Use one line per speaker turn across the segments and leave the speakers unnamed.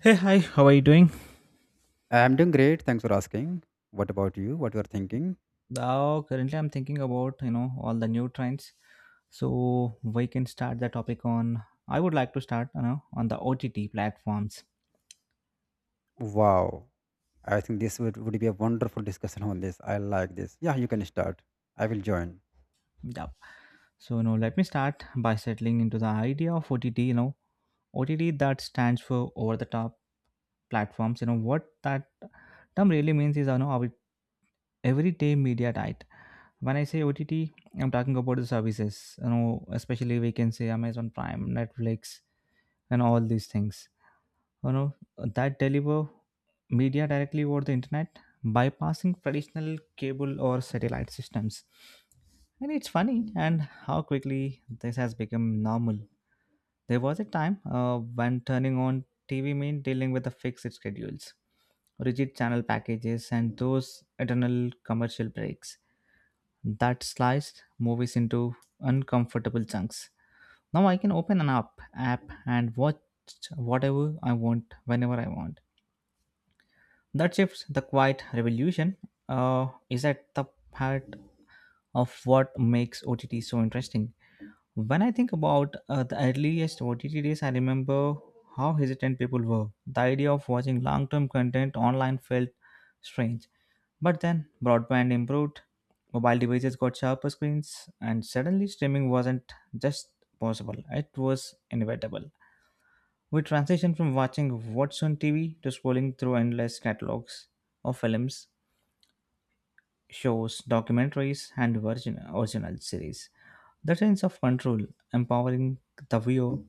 Hey, hi, how are you doing?
I'm doing great. Thanks for asking. What about you? What you are thinking?
Now, currently I'm thinking about all the new trends. So we can start the topic on, I would like to start, on the OTT platforms.
Wow. I think this would be a wonderful discussion on this. I like this. Yeah, you can start. I will join.
Yup. So, let me start by settling into the idea of OTT that stands for over the top platforms. What that term really means is, our everyday media diet. When I say OTT, I'm talking about the services, especially we can say Amazon Prime, Netflix, and all these things you know that deliver media directly over the internet, bypassing traditional cable or satellite systems. And it's funny, and how quickly this has become normal. There was a time when turning on TV meant dealing with the fixed schedules, rigid channel packages, and those eternal commercial breaks that sliced movies into uncomfortable chunks. Now I can open an app and watch whatever I want whenever I want. That shifts the quiet revolution is at the heart of what makes OTT so interesting. When I think about the earliest OTT days, I remember how hesitant people were. The idea of watching long term content online felt strange. But then broadband improved, mobile devices got sharper screens, and suddenly streaming wasn't just possible, it was inevitable. We transition from watching what's on TV to scrolling through endless catalogs of films, shows, documentaries, and original series. The sense of control empowering the viewer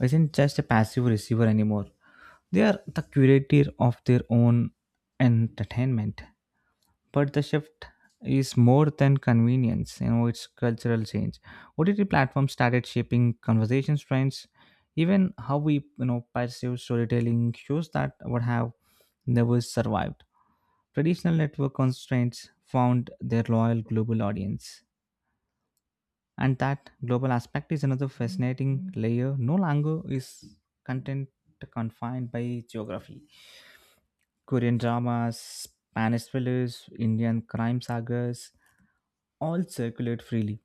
isn't just a passive receiver anymore. They are the curator of their own entertainment, but the shift is more than convenience. It's cultural change. OTT platforms started shaping conversations, trends, even how we perceive storytelling. Shows that would have never survived traditional network constraints found their loyal global audience. And that global aspect is another fascinating layer. No longer is content confined by geography. Korean dramas, Spanish thrillers, Indian crime sagas all circulate freely,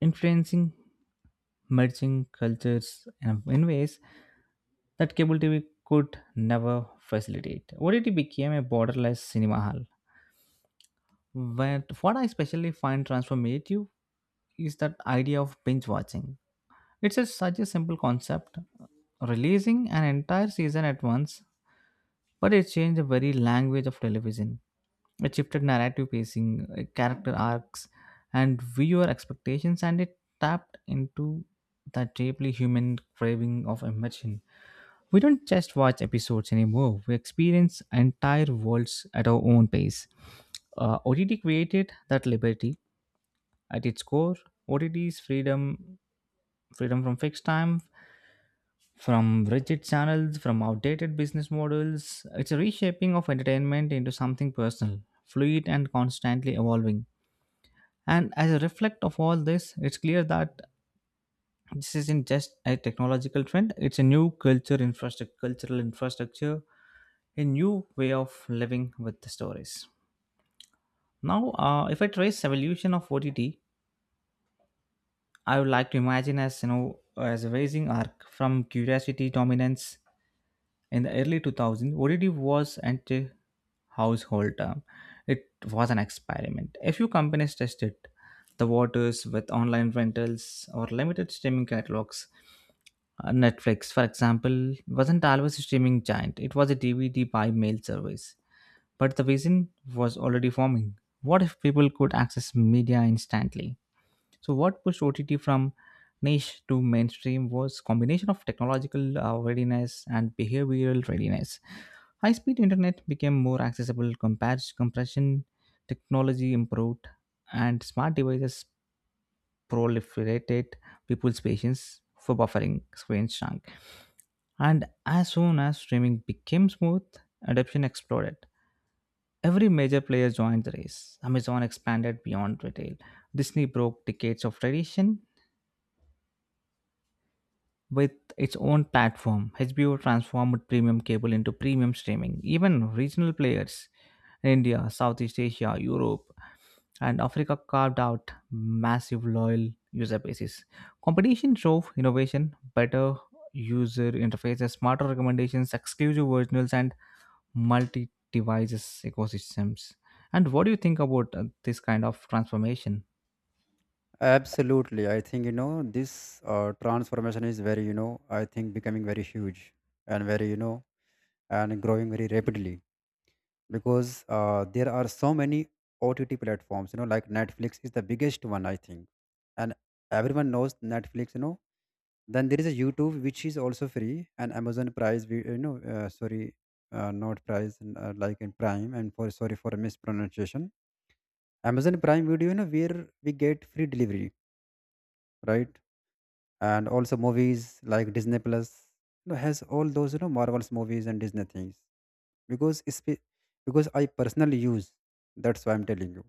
influencing merging cultures in ways that cable TV could never facilitate. OTT became a borderless cinema hall. But what I especially find transformative is that idea of binge watching. It's such a simple concept, releasing an entire season at once, but it changed the very language of television. It shifted narrative pacing, character arcs, and viewer expectations, and it tapped into that deeply human craving of immersion. We don't just watch episodes anymore, we experience entire worlds at our own pace. OTT created that liberty. At its core, OTT is freedom from fixed time, from rigid channels, from outdated business models. It's a reshaping of entertainment into something personal, fluid, and constantly evolving. And as a reflect of all this, it's clear that this isn't just a technological trend, it's a new cultural infrastructure, a new way of living with the stories. Now, if I trace evolution of OTT, I would like to imagine as you know as a rising arc from curiosity dominance. In the early 2000s, ODD was anti household term. It was an experiment. A few companies tested the waters with online rentals or limited streaming catalogs. Netflix, for example, wasn't always a streaming giant, it was a DVD by mail service. But the vision was already forming. What if people could access media instantly? So, what pushed OTT from niche to mainstream was combination of technological readiness and behavioral readiness. High speed internet became more accessible, compared compression technology improved, and smart devices proliferated, people's patience for buffering screens shrunk. And as soon as streaming became smooth, adoption exploded. Every major player joined the race. Amazon expanded beyond retail. Disney broke decades of tradition with its own platform. HBO transformed premium cable into premium streaming. Even regional players, India, Southeast Asia, Europe, and Africa, carved out massive loyal user bases. Competition drove innovation, better user interfaces, smarter recommendations, exclusive originals, and multi devices ecosystems. And what do you think about this kind of transformation?
Absolutely. I think, you know, this transformation is very, you know, I think becoming very huge and very, you know, and growing very rapidly. Because there are so many OTT platforms, you know, like Netflix is the biggest one, I think. And everyone knows Netflix, you know. Then there is a YouTube, which is also free. And Amazon prize, we, you know, sorry, not prize, like in prime. And for sorry for mispronunciation, Amazon Prime Video, you know, where we get free delivery, right? And also movies like Disney Plus, you know, has all those, you know, Marvels movies and Disney things. Because because I personally use. That's why I'm telling you.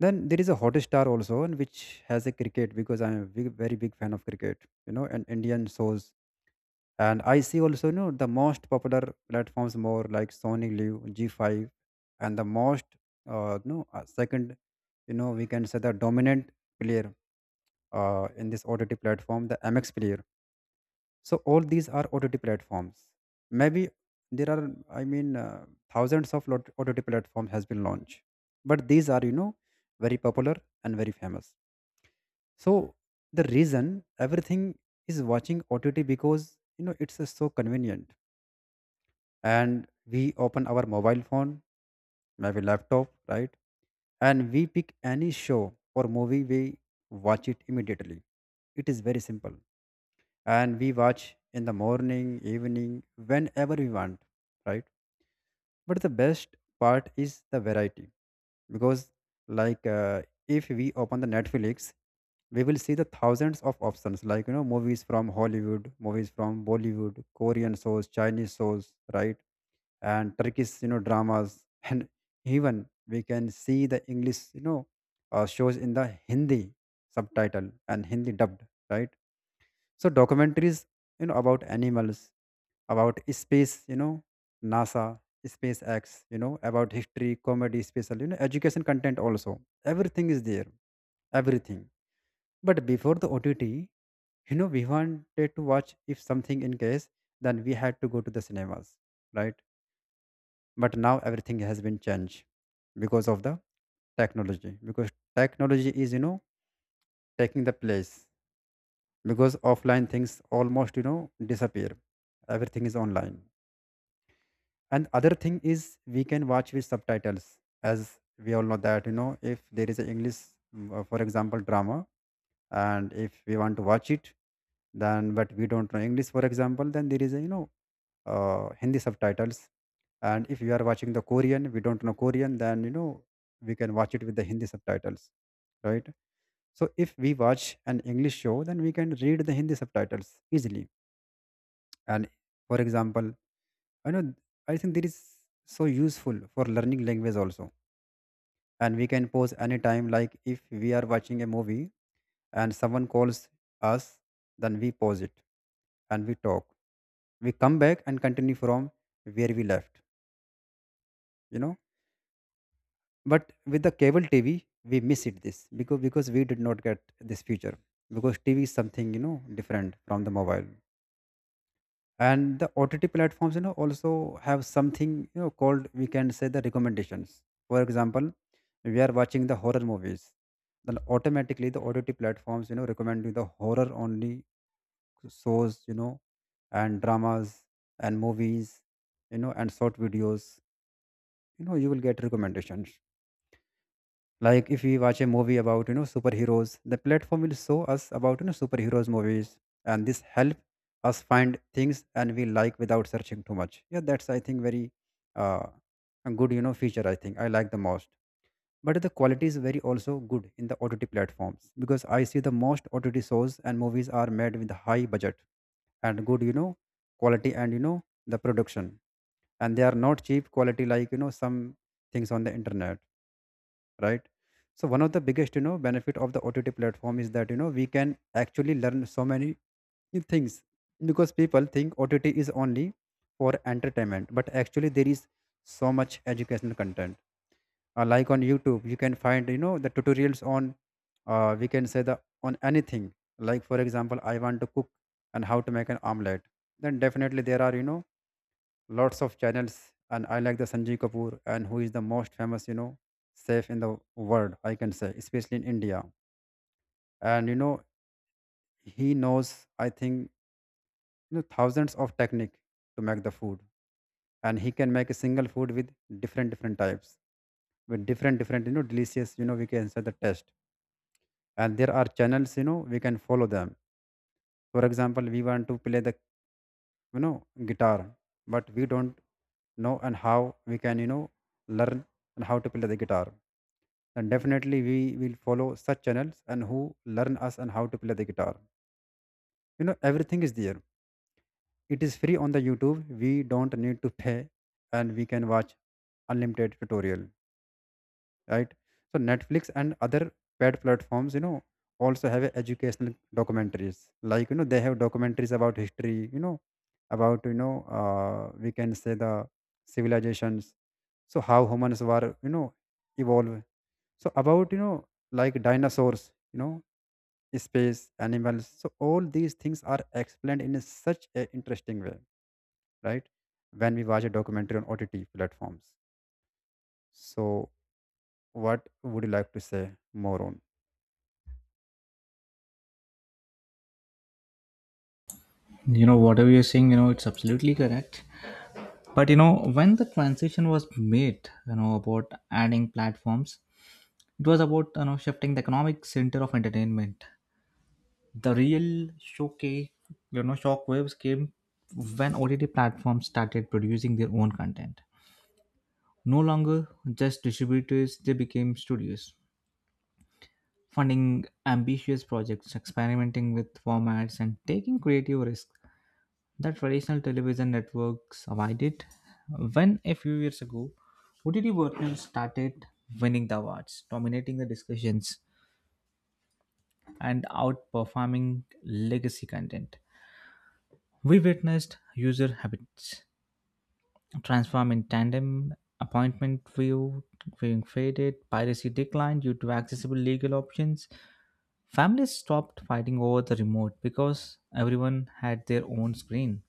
Then there is a Hot Star also, and which has a cricket because I'm a big, very big fan of cricket. You know, and Indian shows. And I see also, you know, the most popular platforms more like Sony Live, G5, and the most, no, second, you know, we can say the dominant player in this OTT platform, the MX player. So all these are OTT platforms, maybe. There are, I mean, thousands of OTT platform has been launched. But these are, you know, very popular and very famous. So the reason everything is watching OTT, because, you know, it's so convenient. And we open our mobile phone, maybe laptop, right? And we pick any show or movie, we watch it immediately. It is very simple. And we watch in the morning, evening, whenever we want, right? But the best part is the variety because, like, if we open the Netflix, we will see the thousands of options, like, you know, movies from Hollywood, movies from Bollywood, Korean shows, Chinese shows, right? And Turkish, you know, dramas, and even we can see the English, you know, shows in the Hindi subtitle and Hindi dubbed, right? So documentaries, you know, about animals, about space, you know, NASA, SpaceX, you know, about history, comedy, special, you know, education content also. Everything is there, everything. But before the OTT, you know, we wanted to watch if something in case, then we had to go to the cinemas, right? But now everything has been changed because of the technology, because technology is, you know, taking the place, because offline things almost, you know, disappear. Everything is online. And other thing is, we can watch with subtitles. As we all know that, you know, if there is a English for example drama, and if we want to watch it, then but we don't know English, for example, then there is a, you know, Hindi subtitles. And if you are watching the Korean, we don't know Korean, then, you know, we can watch it with the Hindi subtitles, right? So if we watch an English show, then we can read the Hindi subtitles easily. And for example, I know, I think that is so useful for learning language also. And we can pause anytime, like if we are watching a movie and someone calls us, then we pause it and we talk. We come back and continue from where we left, you know. But with the cable TV, we miss it this because we did not get this feature, because TV is something, you know, different from the mobile. And the OTT platforms, you know, also have something, you know, called, we can say, the recommendations. For example, we are watching the horror movies, then automatically the OTT platforms, you know, recommend you the horror only shows, you know, and dramas and movies, you know, and short videos, you know, you will get recommendations. Like if we watch a movie about, you know, superheroes, the platform will show us about, you know, superheroes movies, and this help us find things and we like without searching too much. Yeah, that's, I think, very uh, a good, you know, feature. I think I like the most. But the quality is very also good in the OTT platforms, because I see the most OTT shows and movies are made with high budget and good, you know, quality and, you know, the production. And they are not cheap quality like, you know, some things on the internet, right? So one of the biggest, you know, benefit of the OTT platform is that, you know, we can actually learn so many things, because people think OTT is only for entertainment, but actually there is so much educational content. Like on YouTube, you can find, you know, the tutorials on, we can say, the on anything. Like for example, I want to cook and how to make an omelette. Then definitely there are, you know, lots of channels. And I like the Sanjay Kapoor, and who is the most famous, you know, chef in the world, I can say, especially in India. And, you know, he knows, I think, you know, thousands of technique to make the food. And he can make a single food with different different types, with different different, you know, delicious, you know, we can say, the test. And there are channels, you know, we can follow them. For example, we want to play the, you know, guitar, but we don't know and how we can, you know, learn and how to play the guitar, then definitely we will follow such channels and who learn us and how to play the guitar. You know, everything is there. It is free on the YouTube. We don't need to pay. And we can watch unlimited tutorial, right? So Netflix and other paid platforms, you know, also have educational documentaries. Like, you know, they have documentaries about history, you know, about, you know, we can say, the civilizations. So how humans were, you know, evolve. So about, you know, like dinosaurs, you know, space, animals. So all these things are explained in a such a interesting way, right? When we watch a documentary on OTT platforms. So what would you like to say more on?
Whatever you're saying, it's absolutely correct. But when the transition was made, about adding platforms, it was about shifting the economic center of entertainment. The real showcase, shockwaves came when OTT platforms started producing their own content. No longer just distributors, they became studios, funding ambitious projects, experimenting with formats, and taking creative risks that traditional television networks avoided. When a few years ago, OTT versions started winning the awards, dominating the discussions, and outperforming legacy content. We witnessed user habits transform in tandem, appointment view being faded, piracy declined due to accessible legal options. Families stopped fighting over the remote because everyone had their own screen.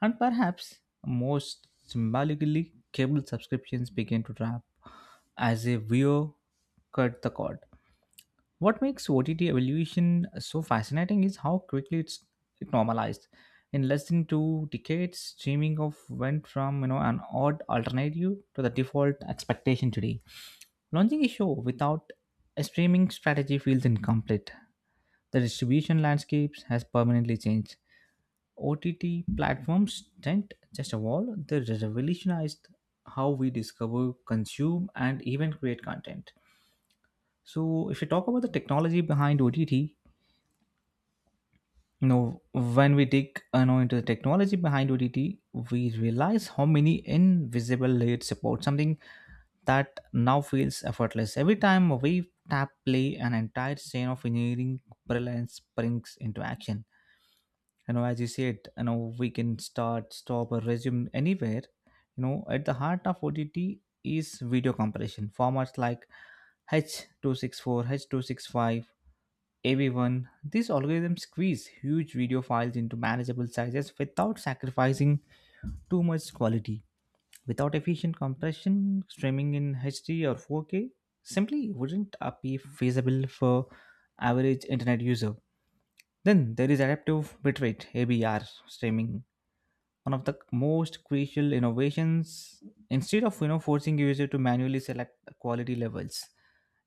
And perhaps most symbolically, cable subscriptions began to drop as a viewer cut the cord. What makes OTT evolution so fascinating is how quickly it normalized. In less than 2 decades, streaming of went from an odd alternative to the default expectation today. Launching a show without a streaming strategy feels incomplete. The distribution landscapes has permanently changed. OTT platforms didn't just evolve, they revolutionized how we discover, consume, and even create content. So, if you talk about the technology behind OTT, when we dig into the technology behind OTT, we realize how many invisible layers support something that now feels effortless. Every time we tap play, an entire chain of engineering brilliance springs into action. As you said, we can start, stop, or resume anywhere. At the heart of OTT is video compression formats like h264, h265, av1. These algorithms squeeze huge video files into manageable sizes without sacrificing too much quality. Without efficient compression, streaming in HD or 4K simply wouldn't be feasible for average internet user. Then there is adaptive bitrate (ABR) streaming, one of the most crucial innovations. Instead of forcing a user to manually select quality levels,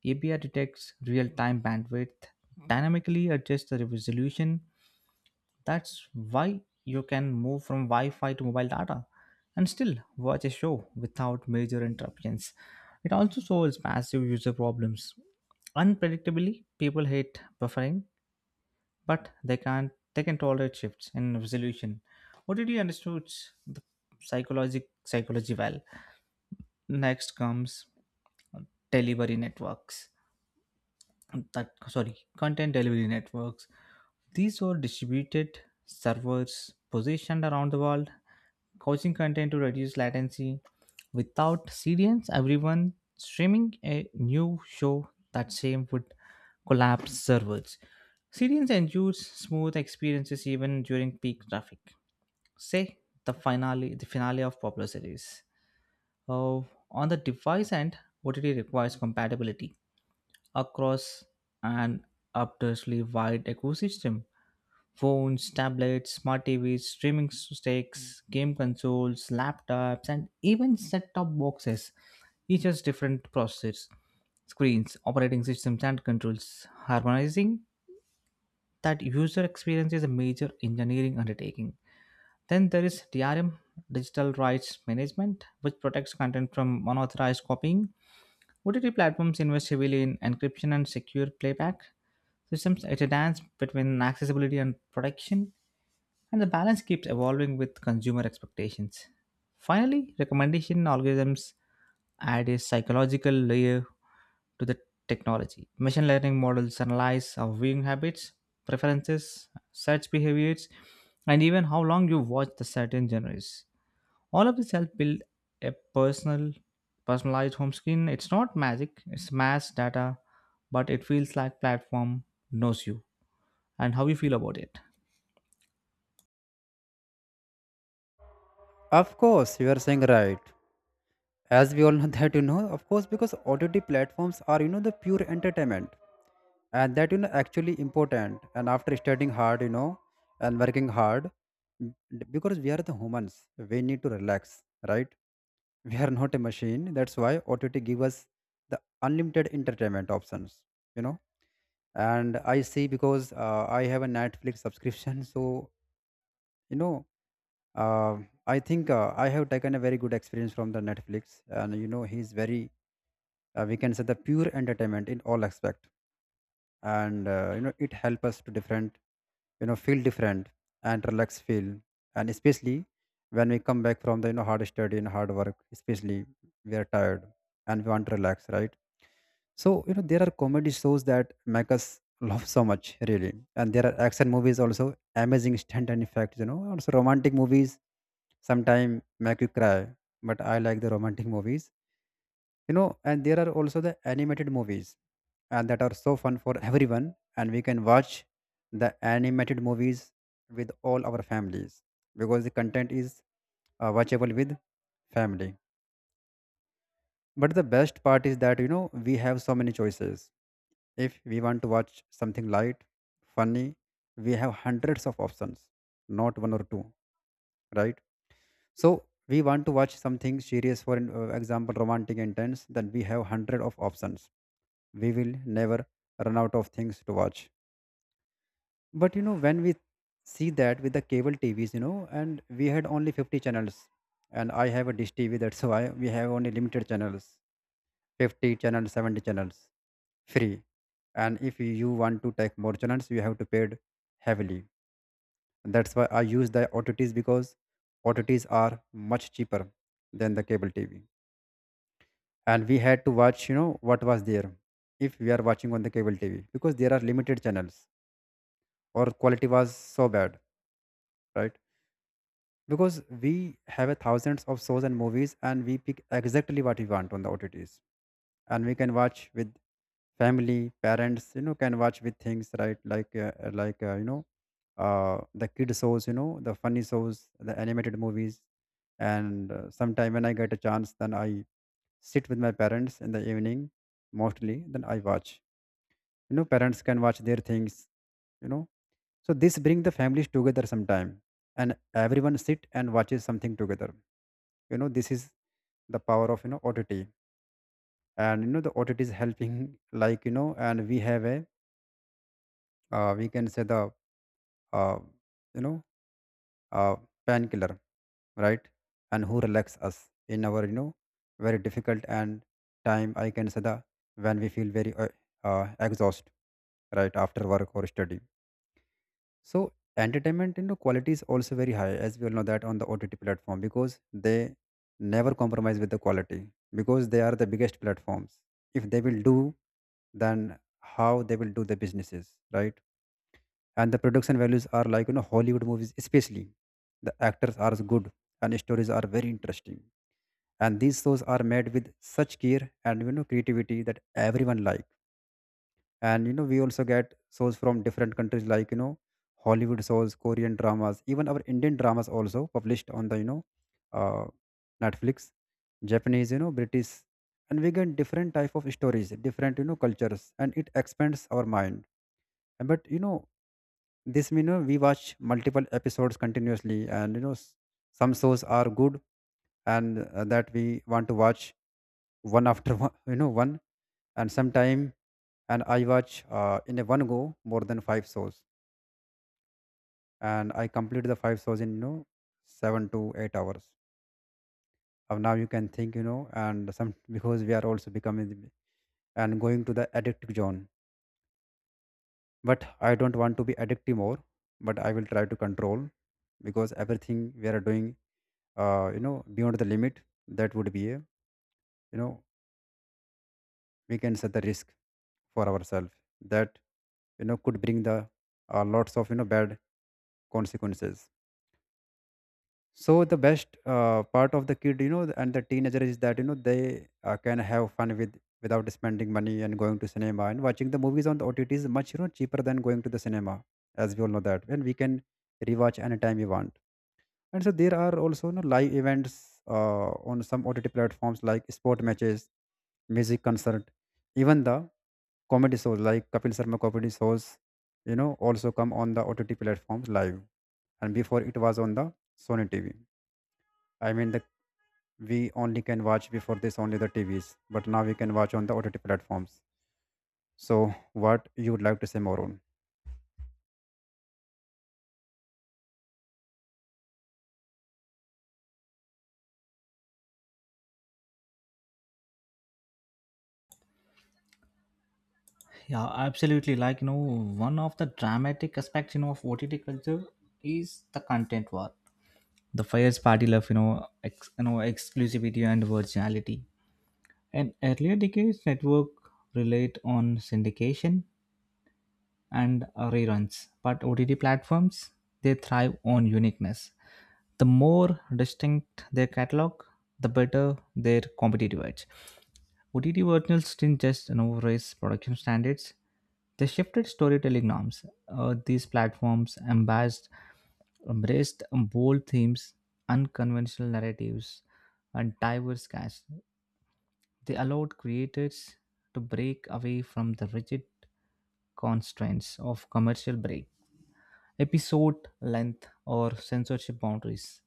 ABR detects real-time bandwidth, dynamically adjusts the resolution. That's why you can move from Wi-Fi to mobile data and still watch a show without major interruptions. It also solves massive user problems. Unpredictably, people hate buffering, but they can't they can tolerate shifts in resolution. What did you understood the psychology well. Next comes delivery networks that sorry content delivery networks. These were distributed servers positioned around the world, causing content to reduce latency. Without CDNs, everyone streaming a new show that same would collapse servers. CDNs ensure smooth experiences even during peak traffic. Say the finale of popular series. Uh, on the device end, OTT requires compatibility across an obviously wide ecosystem. Phones, tablets, smart TVs, streaming sticks, game consoles, laptops, and even set top boxes, each has different processors, screens, operating systems, and controls. Harmonizing that user experience is a major engineering undertaking. Then there is DRM, Digital Rights Management, which protects content from unauthorized copying. OTT platforms invest heavily in encryption and secure playback systems. It's a dance between accessibility and protection, and the balance keeps evolving with consumer expectations. Finally, recommendation algorithms add a psychological layer to the technology. Machine learning models analyze our viewing habits, preferences, search behaviors, and even how long you watch the certain genres. All of this help build a personalized home screen. It's not magic; it's mass data, but it feels like platform knows you and how you feel about it.
Of course, you are saying right. As we all know that, you know, of course, because OTT platforms are, you know, the pure entertainment, and that, you know, actually important. And after studying hard, you know, and working hard, because we are the humans, we need to relax, right? We are not a machine. That's why OTT give us the unlimited entertainment options, you know. And I see, because I have a Netflix subscription. So, you know, uh, I think I have taken a very good experience from the Netflix. And, you know, he's very, we can say, the pure entertainment in all aspect. And, you know, it help us to different, you know, feel different and relaxed feel. And especially when we come back from the, you know, hard study and hard work, especially we are tired and we want to relax, right? So, you know, there are comedy shows that make us laugh so much, really. And there are action movies also, amazing stunt and effects, you know. Also romantic movies sometimes make you cry, but I like the romantic movies, you know. And there are also the animated movies, and that are so fun for everyone. And we can watch the animated movies with all our families, because the content is watchable with family. But the best part is that, you know, we have so many choices. If we want to watch something light, funny, we have hundreds of options, not one or two, right? So we want to watch something serious, for an example, romantic intense, then we have hundred of options. We will never run out of things to watch. But, you know, when we see that with the cable TVs, you know, and we had only 50 channels. And I have a dish TV, that's why we have only limited channels: 50 channels, 70 channels free. And if you want to take more channels, you have to pay heavily. That's why I use the OTTs, because OTTs are much cheaper than the cable TV. And we had to watch, you know, what was there, if we are watching on the cable TV, because there are limited channels, or quality was so bad, right? Because we have a thousands of shows and movies, and we pick exactly what we want on the OTTs. And we can watch with family. Parents, you know, can watch with things, right? Like like, you know, the kid shows, you know, the funny shows, the animated movies. And sometime when I get a chance, then I sit with my parents in the evening mostly, then I watch. Parents can watch their things you know So this bring the families together sometime, and everyone sit and watches something together. This is the power of OTT, and the OTT is helping like and we have a we can say the uh, you know uh, painkiller, right? And who relax us in our very difficult and time I can say the when we feel very exhausted, right after work or study. So entertainment, quality is also very high, as we all know that on the OTT platform because they never compromise with the quality because they are the biggest platforms. If they will do, then how they will do the businesses, right? And the production values are like Hollywood movies, especially the actors are good and stories are very interesting. And these shows are made with such care and creativity that everyone likes. And we also get shows from different countries like Hollywood shows, Korean dramas, even our Indian dramas also published on the uh, Netflix, Japanese, British. And we get different type of stories, different cultures, and it expands our mind. And but this mean we watch multiple episodes continuously. And some shows are good, and that we want to watch one after one, one, and sometime, and I watch in a one go more than five shows, and I complete the five shows in 7 to 8 hours. Of now you can think, and some because we are also becoming and going to the addictive zone. But I don't want to be addictive more, but I will try to control because everything we are doing, beyond the limit, that would be a, you know, we can set the risk for ourselves that could bring the lots of bad consequences. So the best part of the kid and the teenager is that they can have fun with without spending money and going to cinema, and watching the movies on the OTT is much cheaper than going to the cinema, as we all know that. And we can rewatch anytime we want. And so there are also live events on some OTT platforms like sport matches, music concert, even the comedy shows like Kapil Sharma comedy shows, also come on the OTT platforms live. And before it was on the Sony TV. I mean, we only can watch before this only the TVs, but now we can watch on the OTT platforms. So, what you would like to say more on?
Yeah, absolutely. Like, one of the dramatic aspects, of OTT culture is the content war. The fierce party love, exclusivity and virginality. In earlier decades, network relied on syndication and reruns, but OTT platforms, they thrive on uniqueness. The more distinct their catalog, the better their competitive edge. OTT originals didn't just raise production standards, they shifted storytelling norms. These platforms embraced bold themes, unconventional narratives, and diverse casts. They allowed creators to break away from the rigid constraints of commercial break, episode length, or censorship boundaries.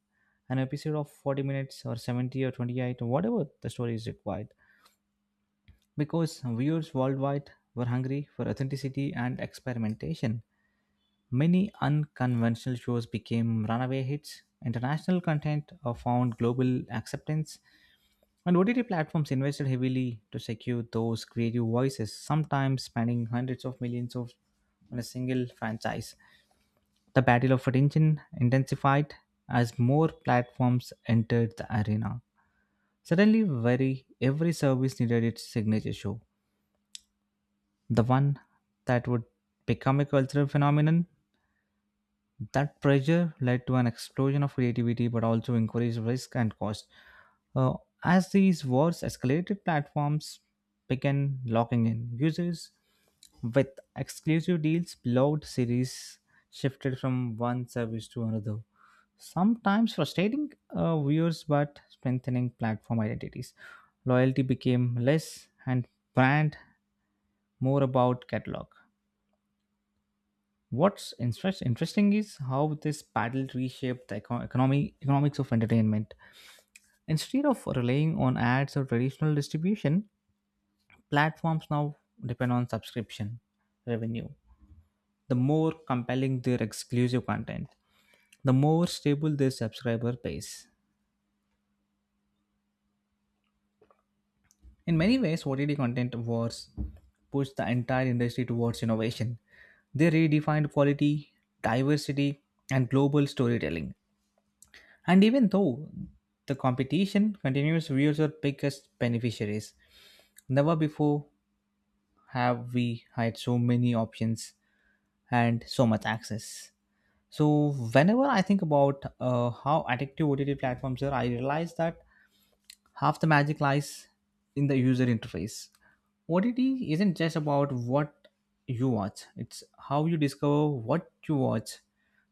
An episode of 40 minutes or 70 or 28 or whatever the story is required. Because viewers worldwide were hungry for authenticity and experimentation, many unconventional shows became runaway hits. International content found global acceptance, and OTT platforms invested heavily to secure those creative voices, sometimes spending hundreds of millions of on a single franchise. The battle of attention intensified as more platforms entered the arena. Suddenly, very every service needed its signature show, the one that would become a cultural phenomenon. That pressure led to an explosion of creativity, but also increased risk and cost. Uh, as these wars escalated, platforms began locking in users with exclusive deals. Beloved series shifted from one service to another, sometimes frustrating viewers but strengthening platform identities. Loyalty became less and brand more about catalog. What's interesting is how this paddle reshaped the economics of entertainment. Instead of relying on ads or traditional distribution, platforms now depend on subscription revenue. The more compelling their exclusive content, the more stable their subscriber base. In many ways, OTT content wars pushed the entire industry towards innovation. They redefined quality, diversity, and global storytelling. And even though the competition continues, viewers are biggest beneficiaries. Never before have we had so many options and so much access. So whenever I think about how addictive OTT platforms are, I realize that half the magic lies in the user interface. OTT isn't just about what you watch; it's how you discover what you watch.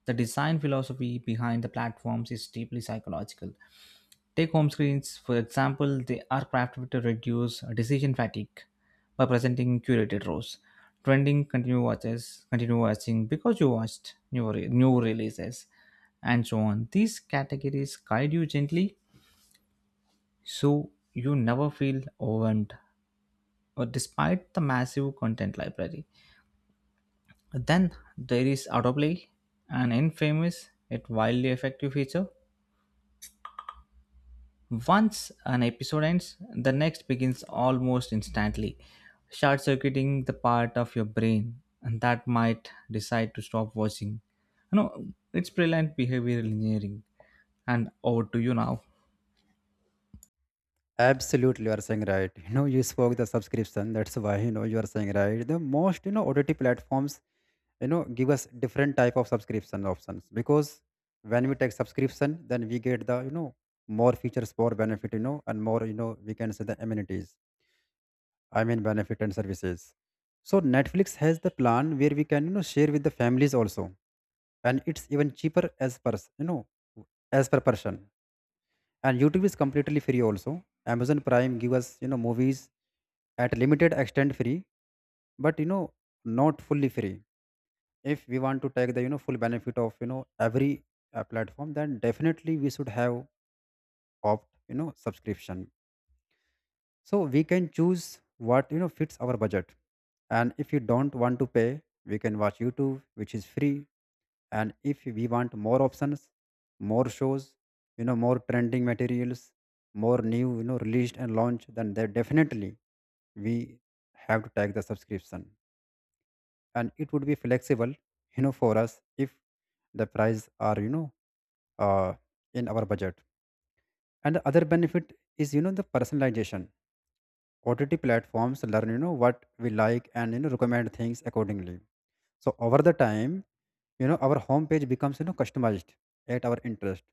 The design philosophy behind the platforms is deeply psychological. Take home screens, for example, they are crafted to reduce decision fatigue by presenting curated rows. Trending, continue watching because you watched new releases, and so on. These categories guide you gently so you never feel overwhelmed or despite the massive content library. Then there is autoplay, an infamous yet wildly effective feature. Once an episode ends, the next begins almost instantly, short circuiting the part of your brain and that might decide to stop watching. You know, it's brilliant behavioral engineering. And over to you now.
Absolutely, you are saying right. You spoke the subscription. That's why you are saying right. The most OTT platforms give us different type of subscription options because when we take subscription then we get the more features, more benefit, and more, we can say the amenities. I mean benefit and services. So Netflix has the plan where we can share with the families also, and it's even cheaper as per you know as per person. And YouTube is completely free also. Amazon Prime give us movies at limited extent free, but not fully free. If we want to take the full benefit of every platform, then definitely we should have opt subscription. So we can choose what fits our budget, and if you don't want to pay we can watch YouTube which is free. And if we want more options, more shows, more trending materials, more new released and launched, then there definitely we have to take the subscription. And it would be flexible for us if the price are uh, in our budget. And the other benefit is the personalization. OTT platforms learn what we like and recommend things accordingly. So over the time, our homepage becomes customized at our interest,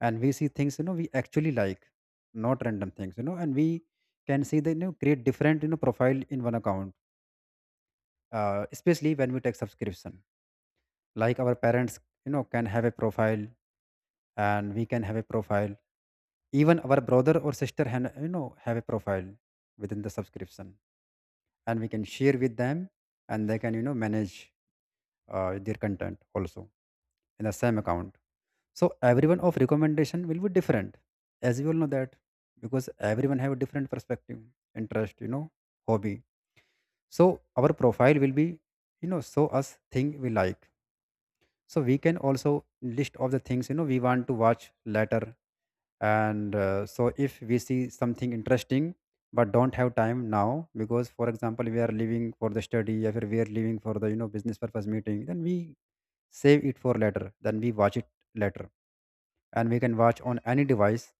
and we see things we actually like, not random things, and we can see the create different profile in one account, especially when we take subscription. Like our parents can have a profile, and we can have a profile. Even our brother or sister han have a profile within the subscription, and we can share with them, and they can, manage their content also in the same account. So everyone of recommendation will be different, as you all know that, because everyone have a different perspective, interest, hobby. So our profile will be, show us thing we like. So we can also list of the things we want to watch later. And so if we see something interesting but don't have time now because for example we are leaving for the study or we are leaving for the business purpose meeting, then we save it for later, then we watch it later. And we can watch on any device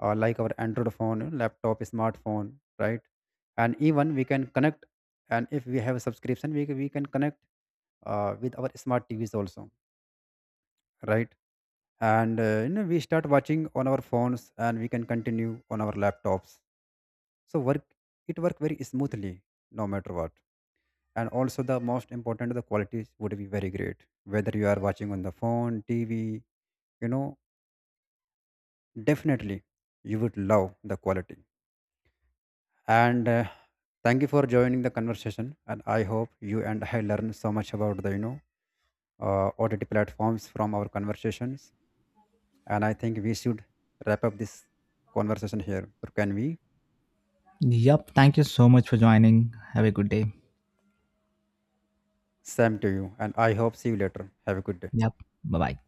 like our Android phone, laptop, smartphone, right? And even we can connect, and if we have a subscription we can connect with our smart TVs also, right? And we start watching on our phones and we can continue on our laptops. So work it work very smoothly, no matter what. And also the most important, the qualities would be very great. Whether you are watching on the phone, TV, you know definitely you would love the quality. And thank you for joining the conversation, and I hope you and I learned so much about the OTT platforms from our conversations. And I think we should wrap up this conversation here, so can we.
Yep, thank you so much for joining. Have a good day.
Same to you, and I hope see you later, have a good day.
Yep, bye bye.